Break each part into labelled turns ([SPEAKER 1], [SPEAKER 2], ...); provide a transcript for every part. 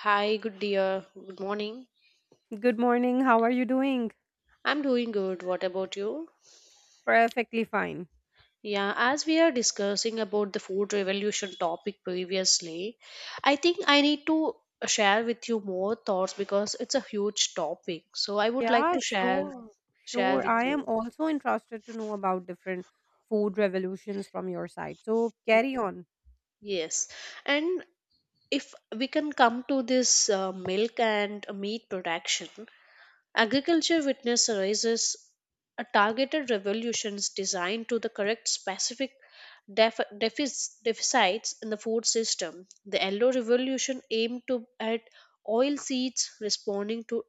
[SPEAKER 1] Hi, good dear. Good morning.
[SPEAKER 2] Good morning. How are you doing?
[SPEAKER 1] I'm doing good. What about you?
[SPEAKER 2] Perfectly fine.
[SPEAKER 1] Yeah, as we are discussing about the food revolution topic previously, I think I need to share with you more thoughts because it's a huge topic. So I would like
[SPEAKER 2] Yeah,
[SPEAKER 1] to share
[SPEAKER 2] sure.
[SPEAKER 1] share
[SPEAKER 2] Sure.
[SPEAKER 1] with
[SPEAKER 2] I am
[SPEAKER 1] you.
[SPEAKER 2] also interested to know about different food revolutions from your side. So carry on.
[SPEAKER 1] Yes. And if we can come to this milk and meat production, agriculture witness arises a targeted revolutions designed to the correct specific deficits in the food system. The yellow revolution aimed to at oil seeds responding to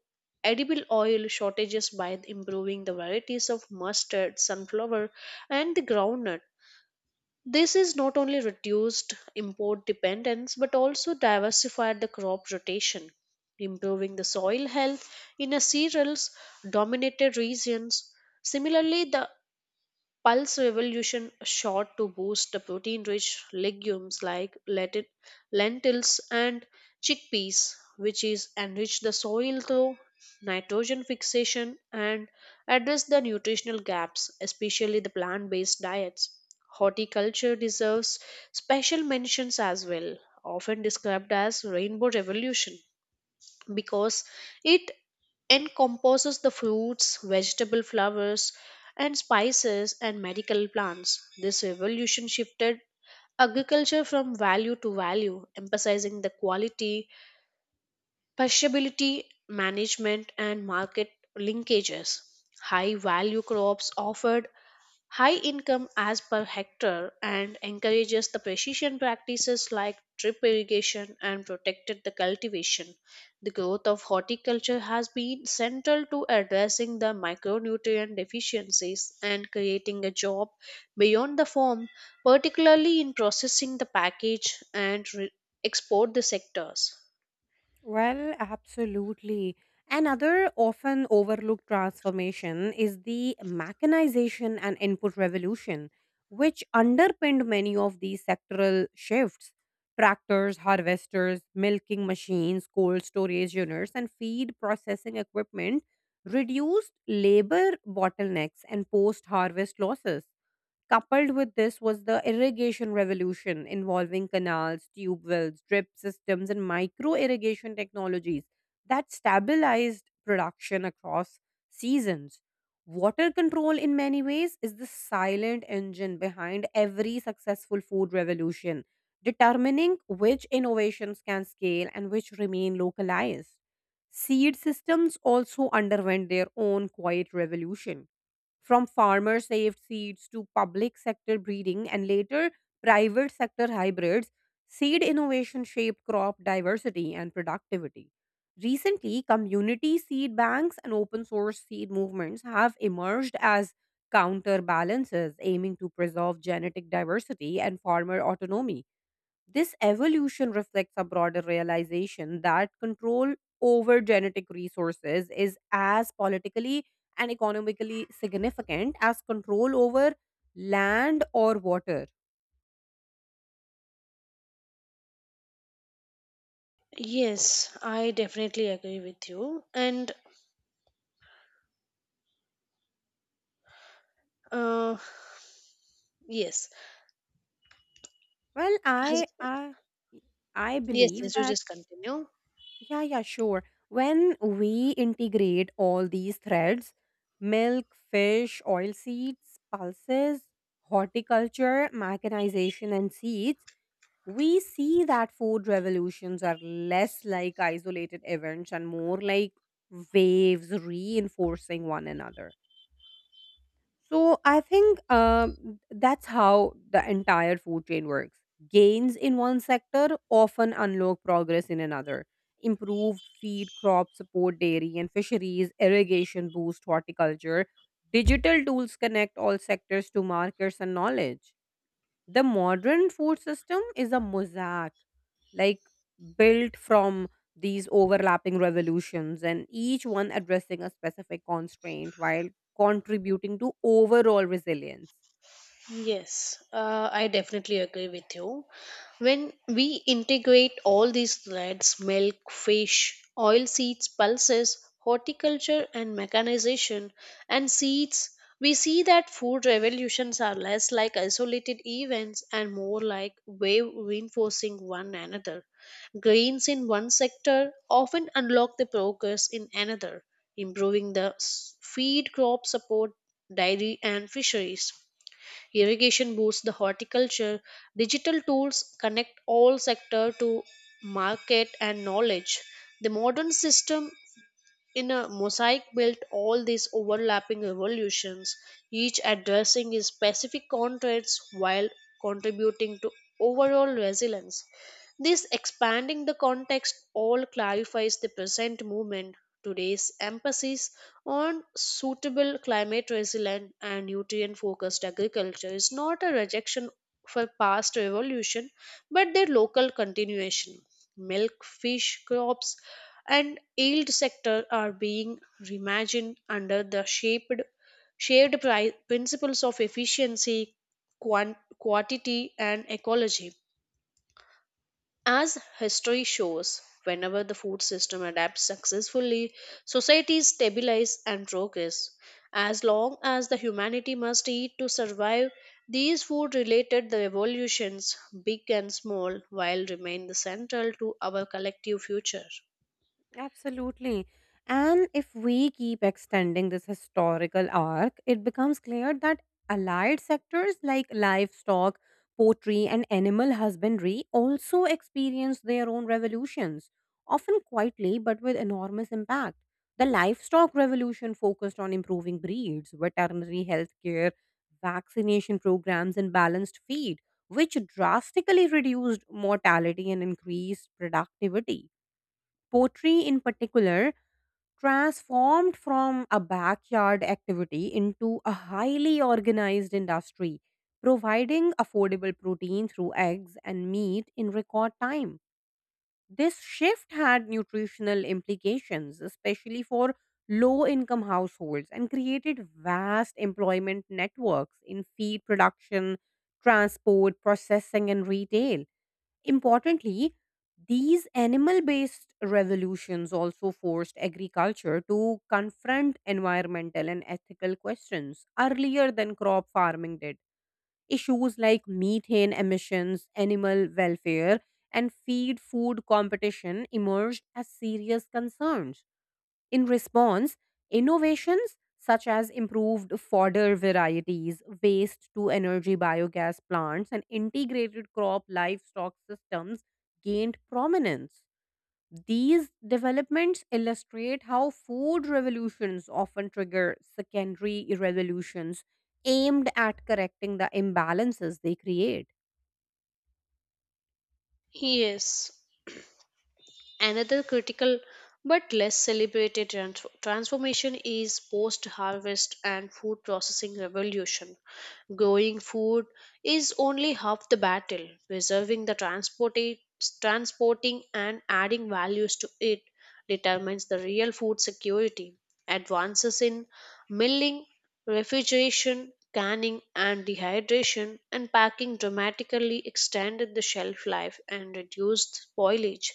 [SPEAKER 1] edible oil shortages by improving the varieties of mustard, sunflower, and the groundnut. This is not only reduced import dependence but also diversified the crop rotation, improving the soil health in a cereals dominated regions. Similarly, the Pulse Revolution shot to boost the protein rich legumes like lentils and chickpeas, which is enrich the soil through nitrogen fixation and address the nutritional gaps, especially the plant based diets. Horticulture deserves special mentions as well, often described as rainbow revolution because it encompasses the fruits, vegetable flowers, and spices and medical plants. This revolution shifted agriculture from value to value, emphasizing the quality, perishability, management, and market linkages. High value crops offered high income as per hectare and encourages the precision practices like drip irrigation and protected the cultivation. The growth of horticulture has been central to addressing the micronutrient deficiencies and creating a job beyond the farm, particularly in processing the package and export the sectors.
[SPEAKER 2] Well, absolutely. Another often overlooked transformation is the mechanization and input revolution, which underpinned many of these sectoral shifts. Tractors, harvesters, milking machines, cold storage units, and feed processing equipment reduced labor bottlenecks and post harvest losses. Coupled with this was the irrigation revolution involving canals, tube wells, drip systems, and micro irrigation technologies that stabilized production across seasons. Water control, in many ways, is the silent engine behind every successful food revolution, determining which innovations can scale and which remain localized. Seed systems also underwent their own quiet revolution from farmer saved seeds to public sector breeding and later private sector hybrids, seed innovation shaped crop diversity and productivity. Recently, community seed banks and open source seed movements have emerged as counterbalances aiming to preserve genetic diversity and farmer autonomy. This evolution reflects a broader realization that control over genetic resources is as politically and economically significant as control over land or water.
[SPEAKER 1] Yes, I definitely agree with you. And uh, yes,
[SPEAKER 2] Well,
[SPEAKER 1] As-
[SPEAKER 2] I I I
[SPEAKER 1] yes,
[SPEAKER 2] believe
[SPEAKER 1] yes, you
[SPEAKER 2] that
[SPEAKER 1] just continue.
[SPEAKER 2] yeah, sure. When we integrate all these threads, milk, fish, oil seeds, pulses, horticulture, mechanization, and seeds we see that food revolutions are less like isolated events and more like waves reinforcing one another. So I think that's how the entire food chain works. Gains in one sector often unlock progress in another. Improved feed crops support dairy and fisheries, irrigation boost horticulture. Digital tools connect all sectors to markets and knowledge. The modern food system is a mosaic, like built from these overlapping revolutions, and each one addressing a specific constraint while contributing to overall resilience.
[SPEAKER 1] Yes, I definitely agree with you. When we integrate all these threads milk, fish, oil seeds, pulses, horticulture, and mechanization, and seeds, we see that food revolutions are less like isolated events and more like wave reinforcing one another. Gains in one sector often unlock the progress in another, improving the feed crop support, dairy, and fisheries. Irrigation boosts the horticulture. Digital tools connect all sector to market and knowledge. The modern system in a mosaic built all these overlapping revolutions, each addressing its specific context while contributing to overall resilience. This expanding the context all clarifies the present movement, today's emphasis on suitable climate resilient and nutrient focused agriculture is not a rejection for past revolution but their local continuation. Milk, fish, crops, and yield sector are being reimagined under the shaped shared principles of efficiency, quantity, and ecology. As history shows, whenever the food system adapts successfully, societies stabilize and progress. As long as the humanity must eat to survive, these food related revolutions, big and small, while remain the central to our collective future.
[SPEAKER 2] Absolutely. And if we keep extending this historical arc, it becomes clear that allied sectors like livestock, poultry, and animal husbandry also experienced their own revolutions, often quietly but with enormous impact. The livestock revolution focused on improving breeds, veterinary healthcare, vaccination programs, and balanced feed, which drastically reduced mortality and increased productivity. Poetry, in particular, transformed from a backyard activity into a highly organized industry, providing affordable protein through eggs and meat in record time. This shift had nutritional implications, especially for low income households, and created vast employment networks in feed production, transport, processing, and retail. Importantly, these animal based revolutions also forced agriculture to confront environmental and ethical questions earlier than crop farming did. Issues like methane emissions, animal welfare, and feed food competition emerged as serious concerns. In response, innovations such as improved fodder varieties, waste to energy biogas plants, and integrated crop livestock systems gained prominence. These developments illustrate how food revolutions often trigger secondary revolutions aimed at correcting the imbalances they create.
[SPEAKER 1] Yes, another critical but less celebrated transformation is post harvest and food processing revolution. Growing food is only half the battle. Preserving the transported, transporting and adding values to it determines the real food security. Advances in milling, refrigeration, canning, and dehydration and packing dramatically extended the shelf life and reduced spoilage.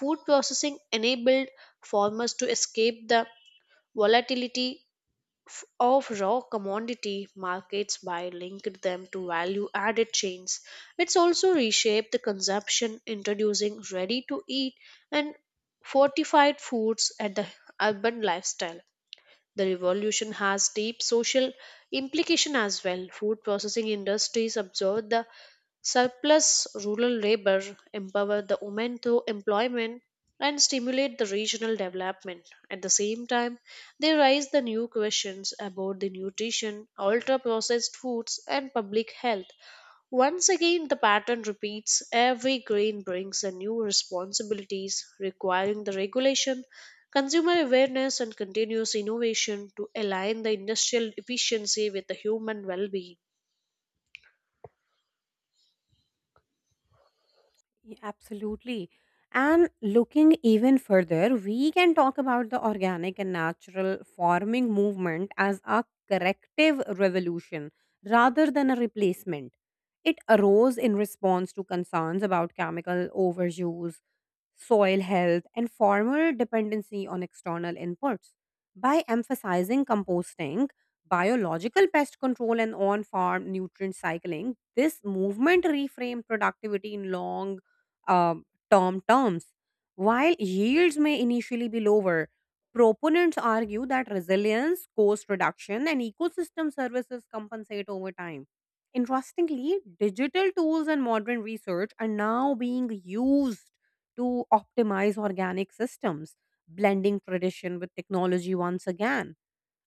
[SPEAKER 1] Food processing enabled farmers to escape the volatility of raw commodity markets by linking them to value added chains. It's also reshaped the consumption, introducing ready to eat and fortified foods at the urban lifestyle. The revolution has deep social implication as well. Food processing industries absorb the surplus rural labor, empower the women through employment, and stimulate the regional development. At the same time, they raise the new questions about the nutrition, ultra processed foods, and public health. Once again, the pattern repeats. Every grain brings a new responsibilities requiring the regulation, consumer awareness and continuous innovation to align the industrial efficiency with the human well being.
[SPEAKER 2] Yeah, absolutely. And looking even further, we can talk about the organic and natural farming movement as a corrective revolution rather than a replacement. It arose in response to concerns about chemical overuse, soil health, and farmer dependency on external inputs. By emphasizing composting, biological pest control, and on farm nutrient cycling, this movement reframed productivity in long um, term terms. While yields may initially be lower, proponents argue that resilience, cost reduction, and ecosystem services compensate over time. Interestingly, digital tools and modern research are now being used to optimize organic systems, blending tradition with technology once again.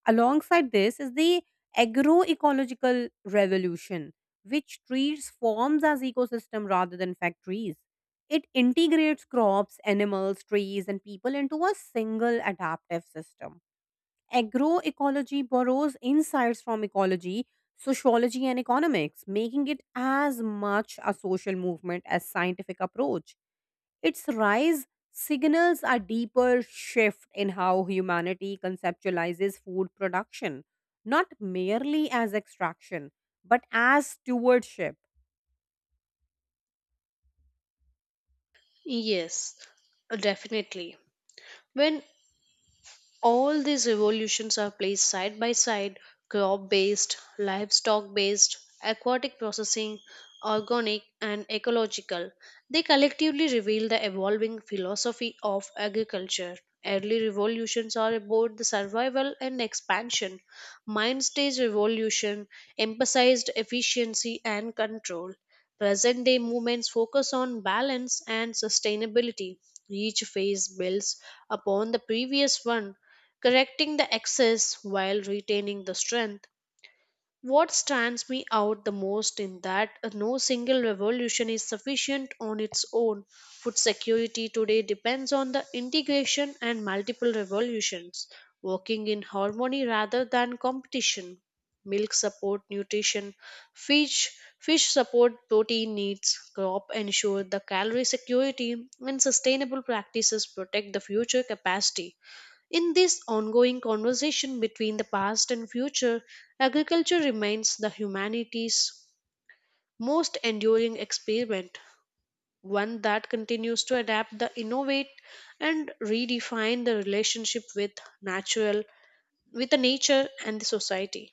[SPEAKER 2] Alongside this is the agroecological revolution, which treats farms as ecosystem rather than factories. It integrates crops, animals, trees, and people into a single adaptive system. Agroecology borrows insights from ecology, sociology, and economics, making it as much a social movement as scientific approach. Its rise signals a deeper shift in how humanity conceptualizes food production, not merely as extraction, but as stewardship.
[SPEAKER 1] Yes, definitely. When all these evolutions are placed side by side, crop based livestock based, aquatic processing, organic and ecological, they collectively reveal the evolving philosophy of agriculture. Early revolutions are about the survival and expansion. Mind stage revolution emphasized efficiency and control. Present day movements focus on balance and sustainability. Each phase builds upon the previous one, correcting the excess while retaining the strength. What stands me out the most in that no single revolution is sufficient on its own. Food security today depends on the integration and multiple revolutions, working in harmony rather than competition. Milk support nutrition, fish fish support protein needs, crop ensure the calorie security, and sustainable practices protect the future capacity. In this ongoing conversation between the past and future, agriculture remains the humanity's most enduring experiment, one that continues to adapt, the innovate, and redefine the relationship with natural, with the nature and the society.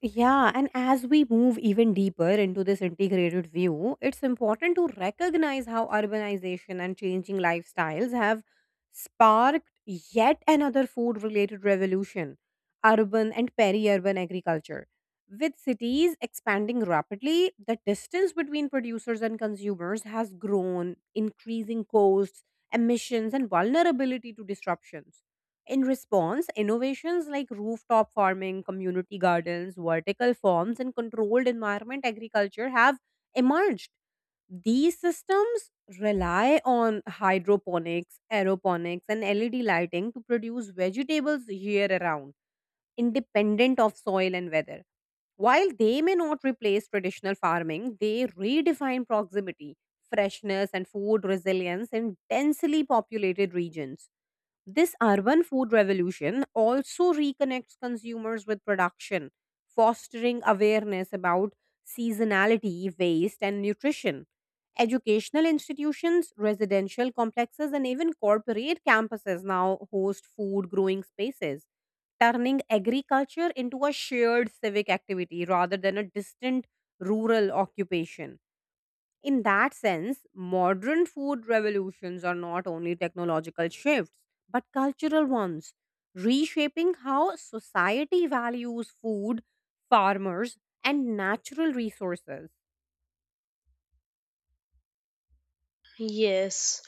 [SPEAKER 2] Yeah, and as we move even deeper into this integrated view, it's important to recognize how urbanization and changing lifestyles have sparked yet another food related revolution urban and peri urban agriculture. With cities expanding rapidly, the distance between producers and consumers has grown, increasing costs, emissions, and vulnerability to disruptions in response, innovations like rooftop farming, community gardens, vertical farms, and controlled environment agriculture have emerged. These systems rely on hydroponics, aeroponics, and LED lighting to produce vegetables year round, independent of soil and weather. While they may not replace traditional farming, they redefine proximity, freshness, and food resilience in densely populated regions. This urban food revolution also reconnects consumers with production, fostering awareness about seasonality, waste, and nutrition. Educational institutions, residential complexes, and even corporate campuses now host food growing spaces, turning agriculture into a shared civic activity rather than a distant rural occupation. In that sense, modern food revolutions are not only technological shifts, but cultural ones, reshaping how society values food, farmers, and natural resources.
[SPEAKER 1] Yes,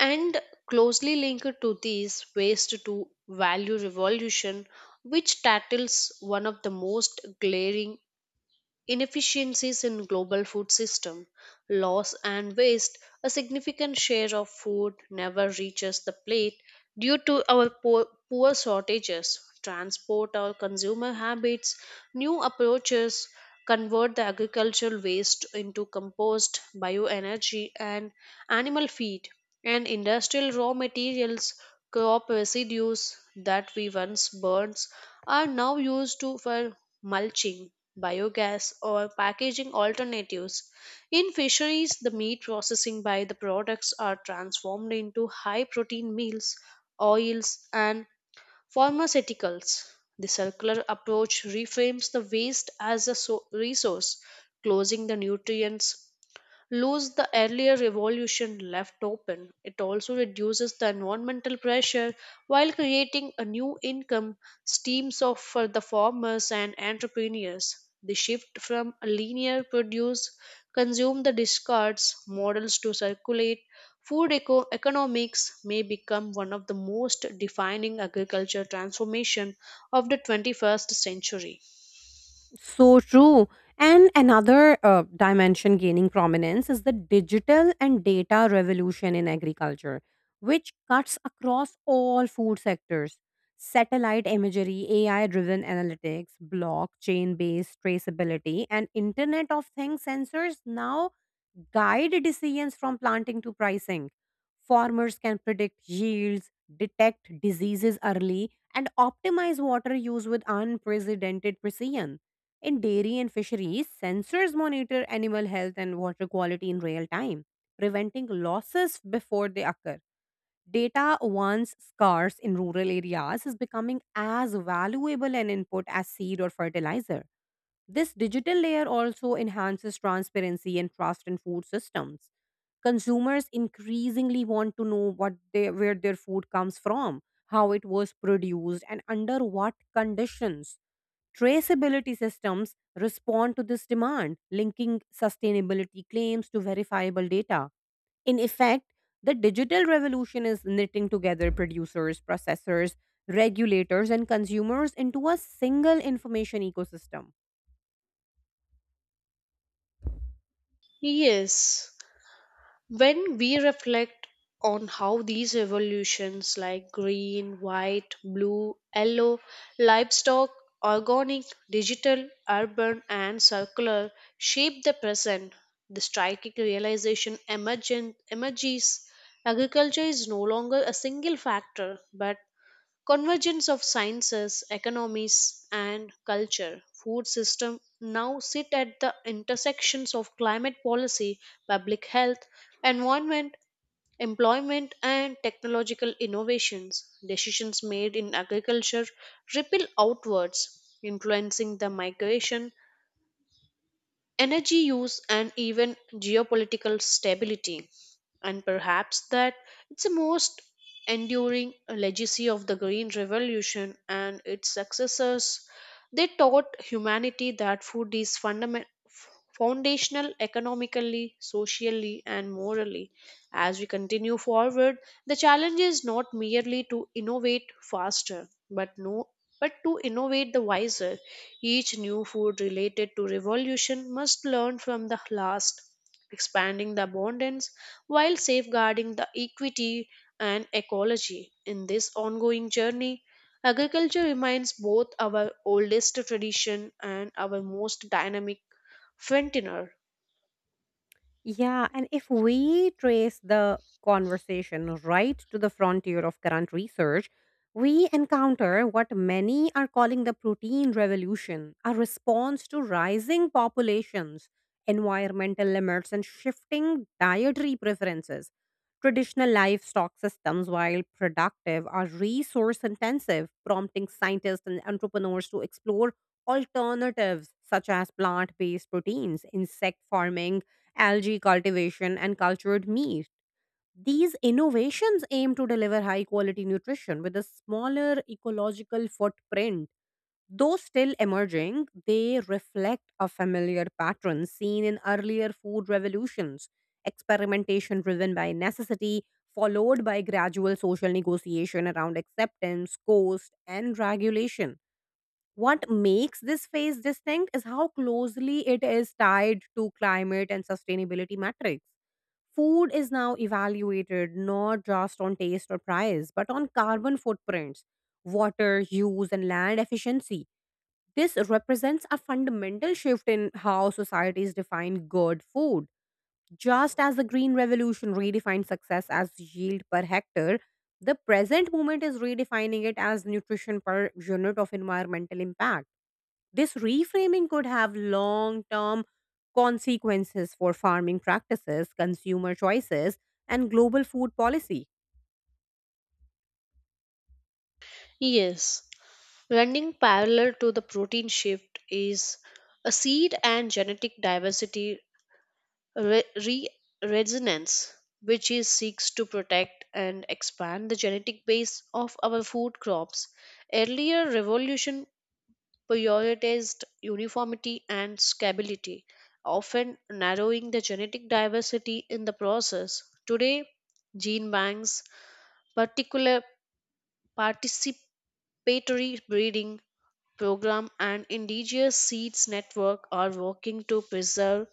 [SPEAKER 1] and closely linked to this, waste to value revolution, which tackles one of the most glaring inefficiencies in global food system loss and waste. A significant share of food never reaches the plate due to our poor shortages transport or consumer habits. New approaches convert the agricultural waste into compost bioenergy and animal feed and industrial raw materials. Crop residues that we once burned are now used to for mulching, biogas or packaging alternatives. In fisheries the meat processing by the products are transformed into high protein meals, oils, and pharmaceuticals. The circular approach reframes the waste as a resource, closing the nutrients lose the earlier revolution left open. It also reduces the environmental pressure while creating a new income streams of for the farmers and entrepreneurs. The shift from a linear produce consume the discards models to circulate food economics may become one of the most defining agriculture transformation of the 21st century.
[SPEAKER 2] So true. And another dimension gaining prominence is the digital and data revolution in agriculture, which cuts across all food sectors. Satellite imagery, AI driven analytics, blockchain based traceability, and Internet of Things sensors now guide decisions from planting to pricing. Farmers can predict yields, detect diseases early, and optimize water use with unprecedented precision. In dairy and fisheries, sensors monitor animal health and water quality in real time, preventing losses before they occur. Data, once scarce in rural areas, is becoming as valuable an input as seed or fertilizer. This digital layer also enhances transparency and trust in food systems. Consumers increasingly want to know what they, where their food comes from, how it was produced, and under what conditions. Traceability systems respond to this demand, linking sustainability claims to verifiable data. In effect, the digital revolution is knitting together producers, processors, regulators, and consumers into a single information ecosystem.
[SPEAKER 1] Yes. When we reflect on how these evolutions like green, white, blue, yellow, livestock, organic, digital, urban, and circular shape the present, the striking realization emerges. Agriculture is no longer a single factor but convergence of sciences, economies, and culture. Food system now sit at the intersections of climate policy, public health, environment, employment, and technological innovations. Decisions made in agriculture ripple outwards, influencing the migration energy use and even geopolitical stability, and perhaps that it's the most enduring legacy of the green revolution and its successors. They taught humanity that food is fundamental, foundational economically socially and morally. As we continue forward the challenge is not merely to innovate faster, but no but to innovate the wiser. Each new food related to revolution must learn from the last, expanding the abundance while safeguarding the equity and ecology. In this ongoing journey, agriculture remains both our oldest tradition and our most dynamic frontier.
[SPEAKER 2] Yeah, and if we trace the conversation right to the frontier of current research, we encounter what many are calling the protein revolution, a response to rising populations, environmental limits, and shifting dietary preferences. Traditional livestock systems, while productive, are resource intensive, prompting scientists and entrepreneurs to explore alternatives such as plant based proteins, insect farming algae cultivation, and cultured meat. These innovations aim to deliver high quality nutrition with a smaller ecological footprint. Though still emerging, they reflect a familiar pattern seen in earlier food revolutions experimentation driven by necessity, followed by gradual social negotiation around acceptance, cost, and regulation. What makes this phase distinct is how closely it is tied to climate and sustainability metrics. Food is now evaluated not just on taste or price, but on carbon footprints, water use, and land efficiency. This represents a fundamental shift in how societies define good food. Just as the Green Revolution redefined success as yield per hectare, the present movement is redefining it as nutrition per unit of environmental impact. This reframing could have long term consequences for farming practices, consumer choices, and global food policy.
[SPEAKER 1] Yes, running parallel to the protein shift is a seed and genetic diversity re- re- resonance, which is seeks to protect and expand the genetic base of our food crops. Earlier revolution prioritized uniformity and stability, often narrowing the genetic diversity in the process. Today, gene banks, particular participatory breeding program and indigenous seeds network are working to preserve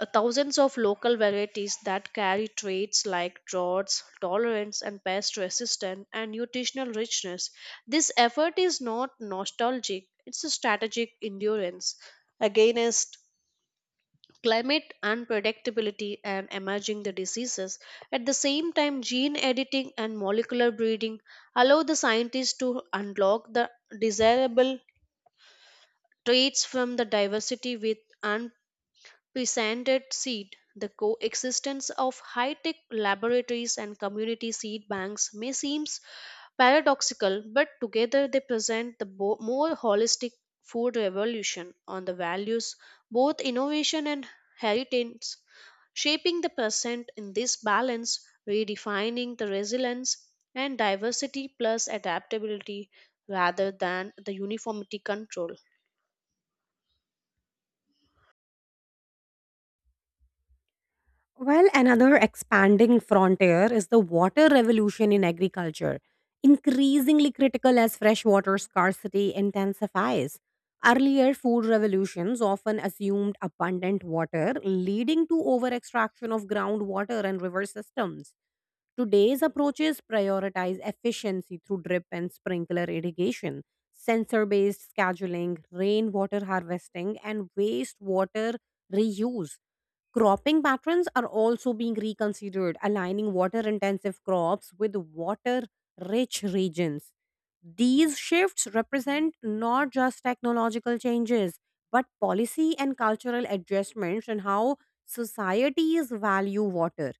[SPEAKER 1] Thousands of local varieties that carry traits like droughts, tolerance, and pest resistance and nutritional richness. This effort is not nostalgic, it's a strategic endurance against climate unpredictability and emerging the diseases. At the same time, gene editing and molecular breeding allow the scientists to unlock the desirable traits from the diversity with presented seed. The coexistence of high tech laboratories and community seed banks may seem paradoxical, but together they present the more holistic food revolution on the values, both innovation and heritage, shaping the present in this balance, redefining the resilience and diversity plus adaptability rather than the uniformity control.
[SPEAKER 2] Well, another expanding frontier is the water revolution in agriculture, increasingly critical as freshwater scarcity intensifies. Earlier food revolutions often assumed abundant water, leading to over extraction of groundwater and river systems. Today's approaches prioritize efficiency through drip and sprinkler irrigation, sensor based scheduling, rainwater harvesting, and wastewater reuse. Cropping patterns are also being reconsidered, aligning water intensive crops with water rich regions. These shifts represent not just technological changes, but policy and cultural adjustments in how societies value water.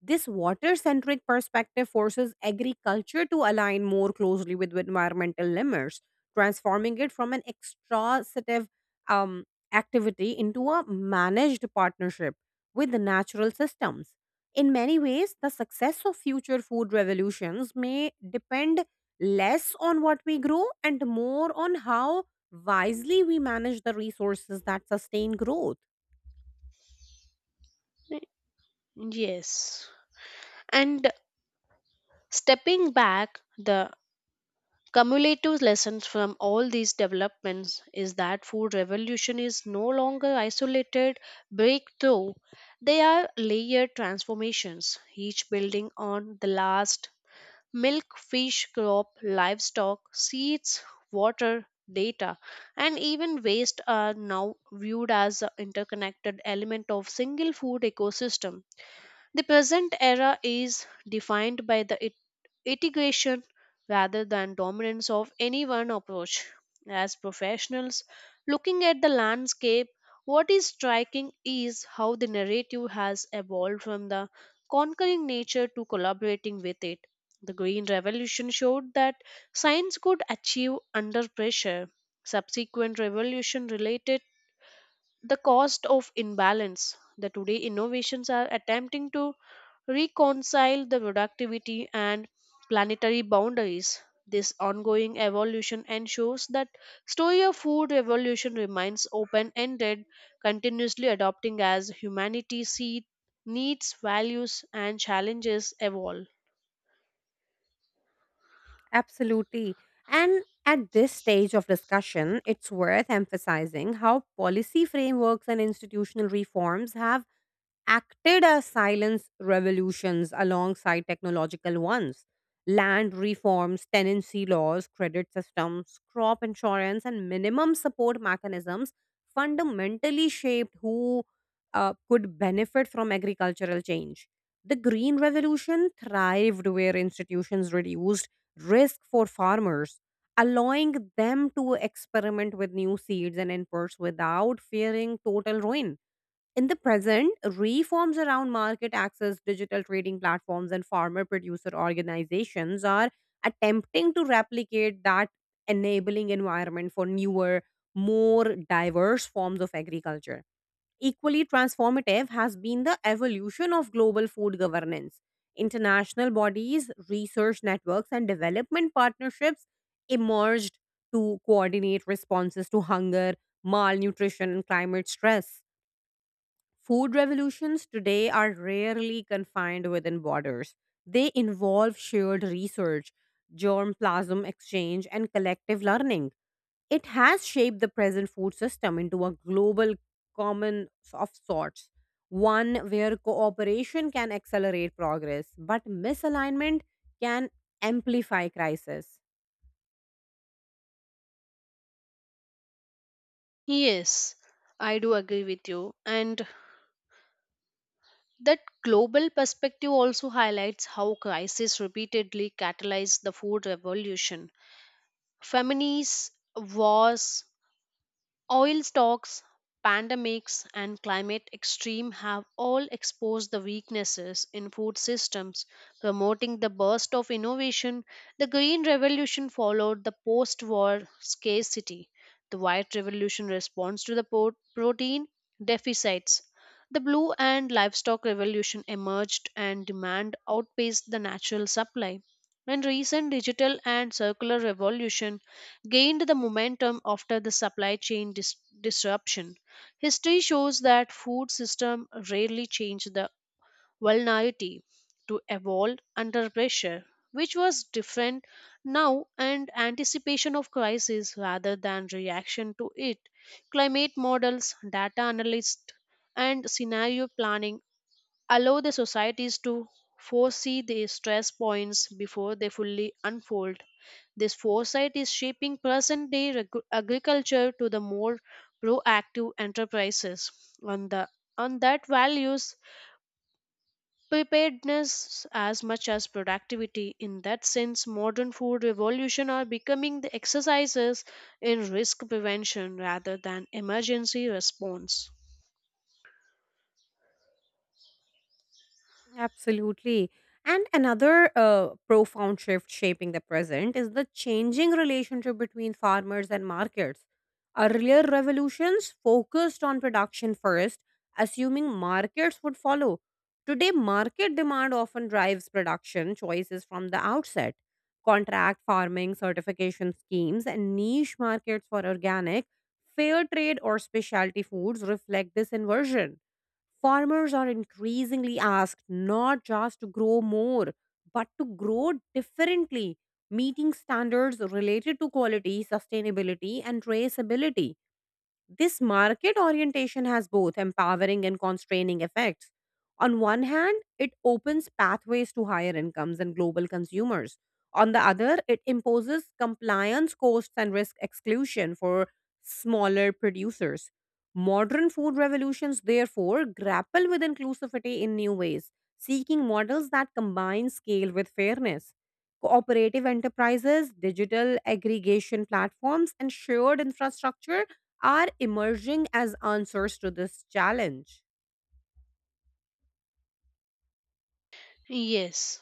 [SPEAKER 2] This water centric perspective forces agriculture to align more closely with environmental limits, transforming it from an extractive um, activity into a managed partnership with the natural systems. In many ways, the success of future food revolutions may depend less on what we grow and more on how wisely we manage the resources that sustain growth.
[SPEAKER 1] Yes. And stepping back, the cumulative lessons from all these developments is that food revolution is no longer isolated breakthrough. They are layered transformations, each building on the last. Milk, fish, crop, livestock, seeds, water, data, and even waste are now viewed as an interconnected element of single food ecosystem. The present era is defined by the integration rather than dominance of any one approach. As professionals looking at the landscape, what is striking is how the narrative has evolved from the conquering nature to collaborating with it. The Green Revolution showed that science could achieve under pressure. Subsequent revolution related the cost of imbalance. The today innovations are attempting to reconcile the productivity and planetary boundaries. This ongoing evolution ensures that story of food revolution remains open ended, continuously adopting as humanity see needs values and challenges evolve.
[SPEAKER 2] Absolutely. And at this stage of discussion, it's worth emphasizing how policy frameworks and institutional reforms have acted as silence revolutions alongside technological ones. Land reforms, tenancy laws, credit systems, crop insurance, and minimum support mechanisms fundamentally shaped who could benefit from agricultural change. The Green Revolution thrived where institutions reduced risk for farmers, allowing them to experiment with new seeds and inputs without fearing total ruin in the present, reforms around market access, digital trading platforms, and farmer producer organizations are attempting to replicate that enabling environment for newer, more diverse forms of agriculture. Equally transformative has been the evolution of global food governance. International bodies, research networks, and development partnerships emerged to coordinate responses to hunger, malnutrition, and climate stress Food revolutions today are rarely confined within borders. They involve shared research, germplasm exchange, and collective learning. It has shaped the present food system into a global common of sorts, one where cooperation can accelerate progress, but misalignment can amplify crisis.
[SPEAKER 1] Yes, I do agree with you. And that global perspective also highlights how crises repeatedly catalyze the food revolution. Famines, wars, oil stocks, pandemics, and climate extreme have all exposed the weaknesses in food systems, promoting the burst of innovation. The Green Revolution followed the post war scarcity. The White Revolution responds to the protein deficits. The Blue and Livestock Revolution emerged and demand outpaced the natural supply. And recent digital and circular revolution gained the momentum after the supply chain disruption. History shows that food system rarely change the vulnerability to evolve under pressure, which was different now and anticipation of crisis rather than reaction to it. Climate models, data analysts, and scenario planning allow the societies to foresee the stress points before they fully unfold. This foresight is shaping present day agriculture to the more proactive enterprises on the on that values preparedness as much as productivity. In that sense modern food revolution are becoming the exercises in risk prevention rather than emergency response.
[SPEAKER 2] Absolutely. And another profound shift shaping the present is the changing relationship between farmers and markets. Earlier revolutions focused on production first, assuming markets would follow. Today, market demand often drives production choices from the outset. Contract farming, certification schemes, and niche markets for organic, fair trade, or specialty foods reflect this inversion. Farmers are increasingly asked not just to grow more, but to grow differently, meeting standards related to quality, sustainability, and traceability. This market orientation has both empowering and constraining effects. On one hand, it opens pathways to higher incomes and global consumers. On the other, it imposes compliance costs and risk exclusion for smaller producers. Modern food revolutions, therefore, grapple with inclusivity in new ways, seeking models that combine scale with fairness cooperative enterprises, digital aggregation platforms, and shared infrastructure are emerging as answers to this challenge.
[SPEAKER 1] Yes,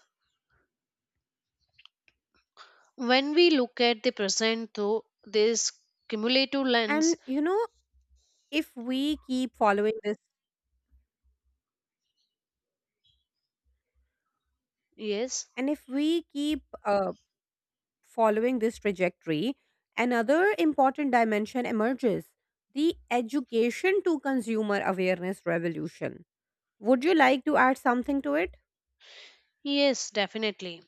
[SPEAKER 1] when we look at the present though this cumulative lens,
[SPEAKER 2] And you know, if we keep following this,
[SPEAKER 1] yes,
[SPEAKER 2] and if we keep following this trajectory, another important dimension emerges the education to consumer awareness revolution. Would you like to add something to it?
[SPEAKER 1] yes, definitely.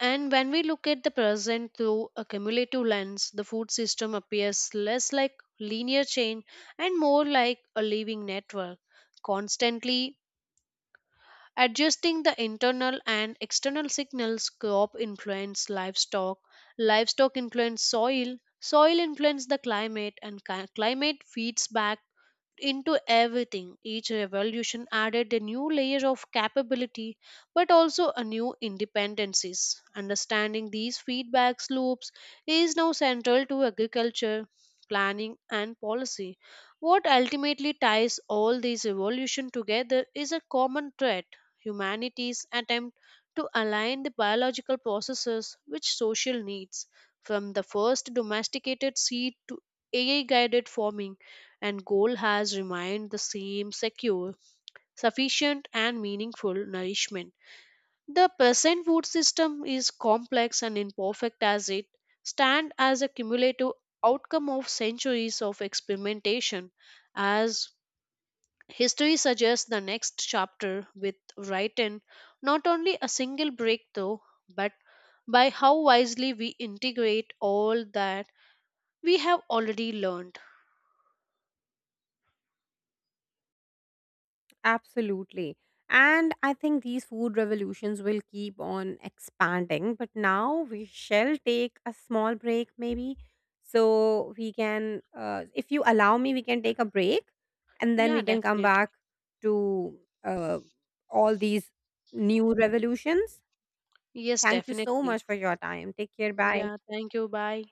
[SPEAKER 1] And when we look at the present through a cumulative lens, the food system appears less like linear chain and more like a living network constantly adjusting the internal and external signals. Crop influence livestock, livestock influence soil influence the climate and climate feeds back into everything. Each revolution added a new layer of capability, but also a new independencies. Understanding these feedback loops is now central to agriculture planning and policy. What ultimately ties all these evolution together is a common thread: humanity's attempt to align the biological processes with social needs. From the first domesticated seed to AI guided farming, and goal has remained the same secure, sufficient, and meaningful nourishment. The present food system is complex and imperfect as it stands as a cumulative outcome of centuries of experimentation. As history suggests, the next chapter with written not only a single breakthrough but by how wisely we integrate all that we have already learned.
[SPEAKER 2] Absolutely. And I think these food revolutions will keep on expanding. But now we shall take a small break, maybe. So we can, if you allow me, we can take a break and then
[SPEAKER 1] Yeah,
[SPEAKER 2] we can come back
[SPEAKER 1] definitely.
[SPEAKER 2] to uh, all these new revolutions.
[SPEAKER 1] Yes,
[SPEAKER 2] Thank you so
[SPEAKER 1] definitely.
[SPEAKER 2] much for your time. Take care.
[SPEAKER 1] Yeah,
[SPEAKER 2] Bye.
[SPEAKER 1] thank you. Bye.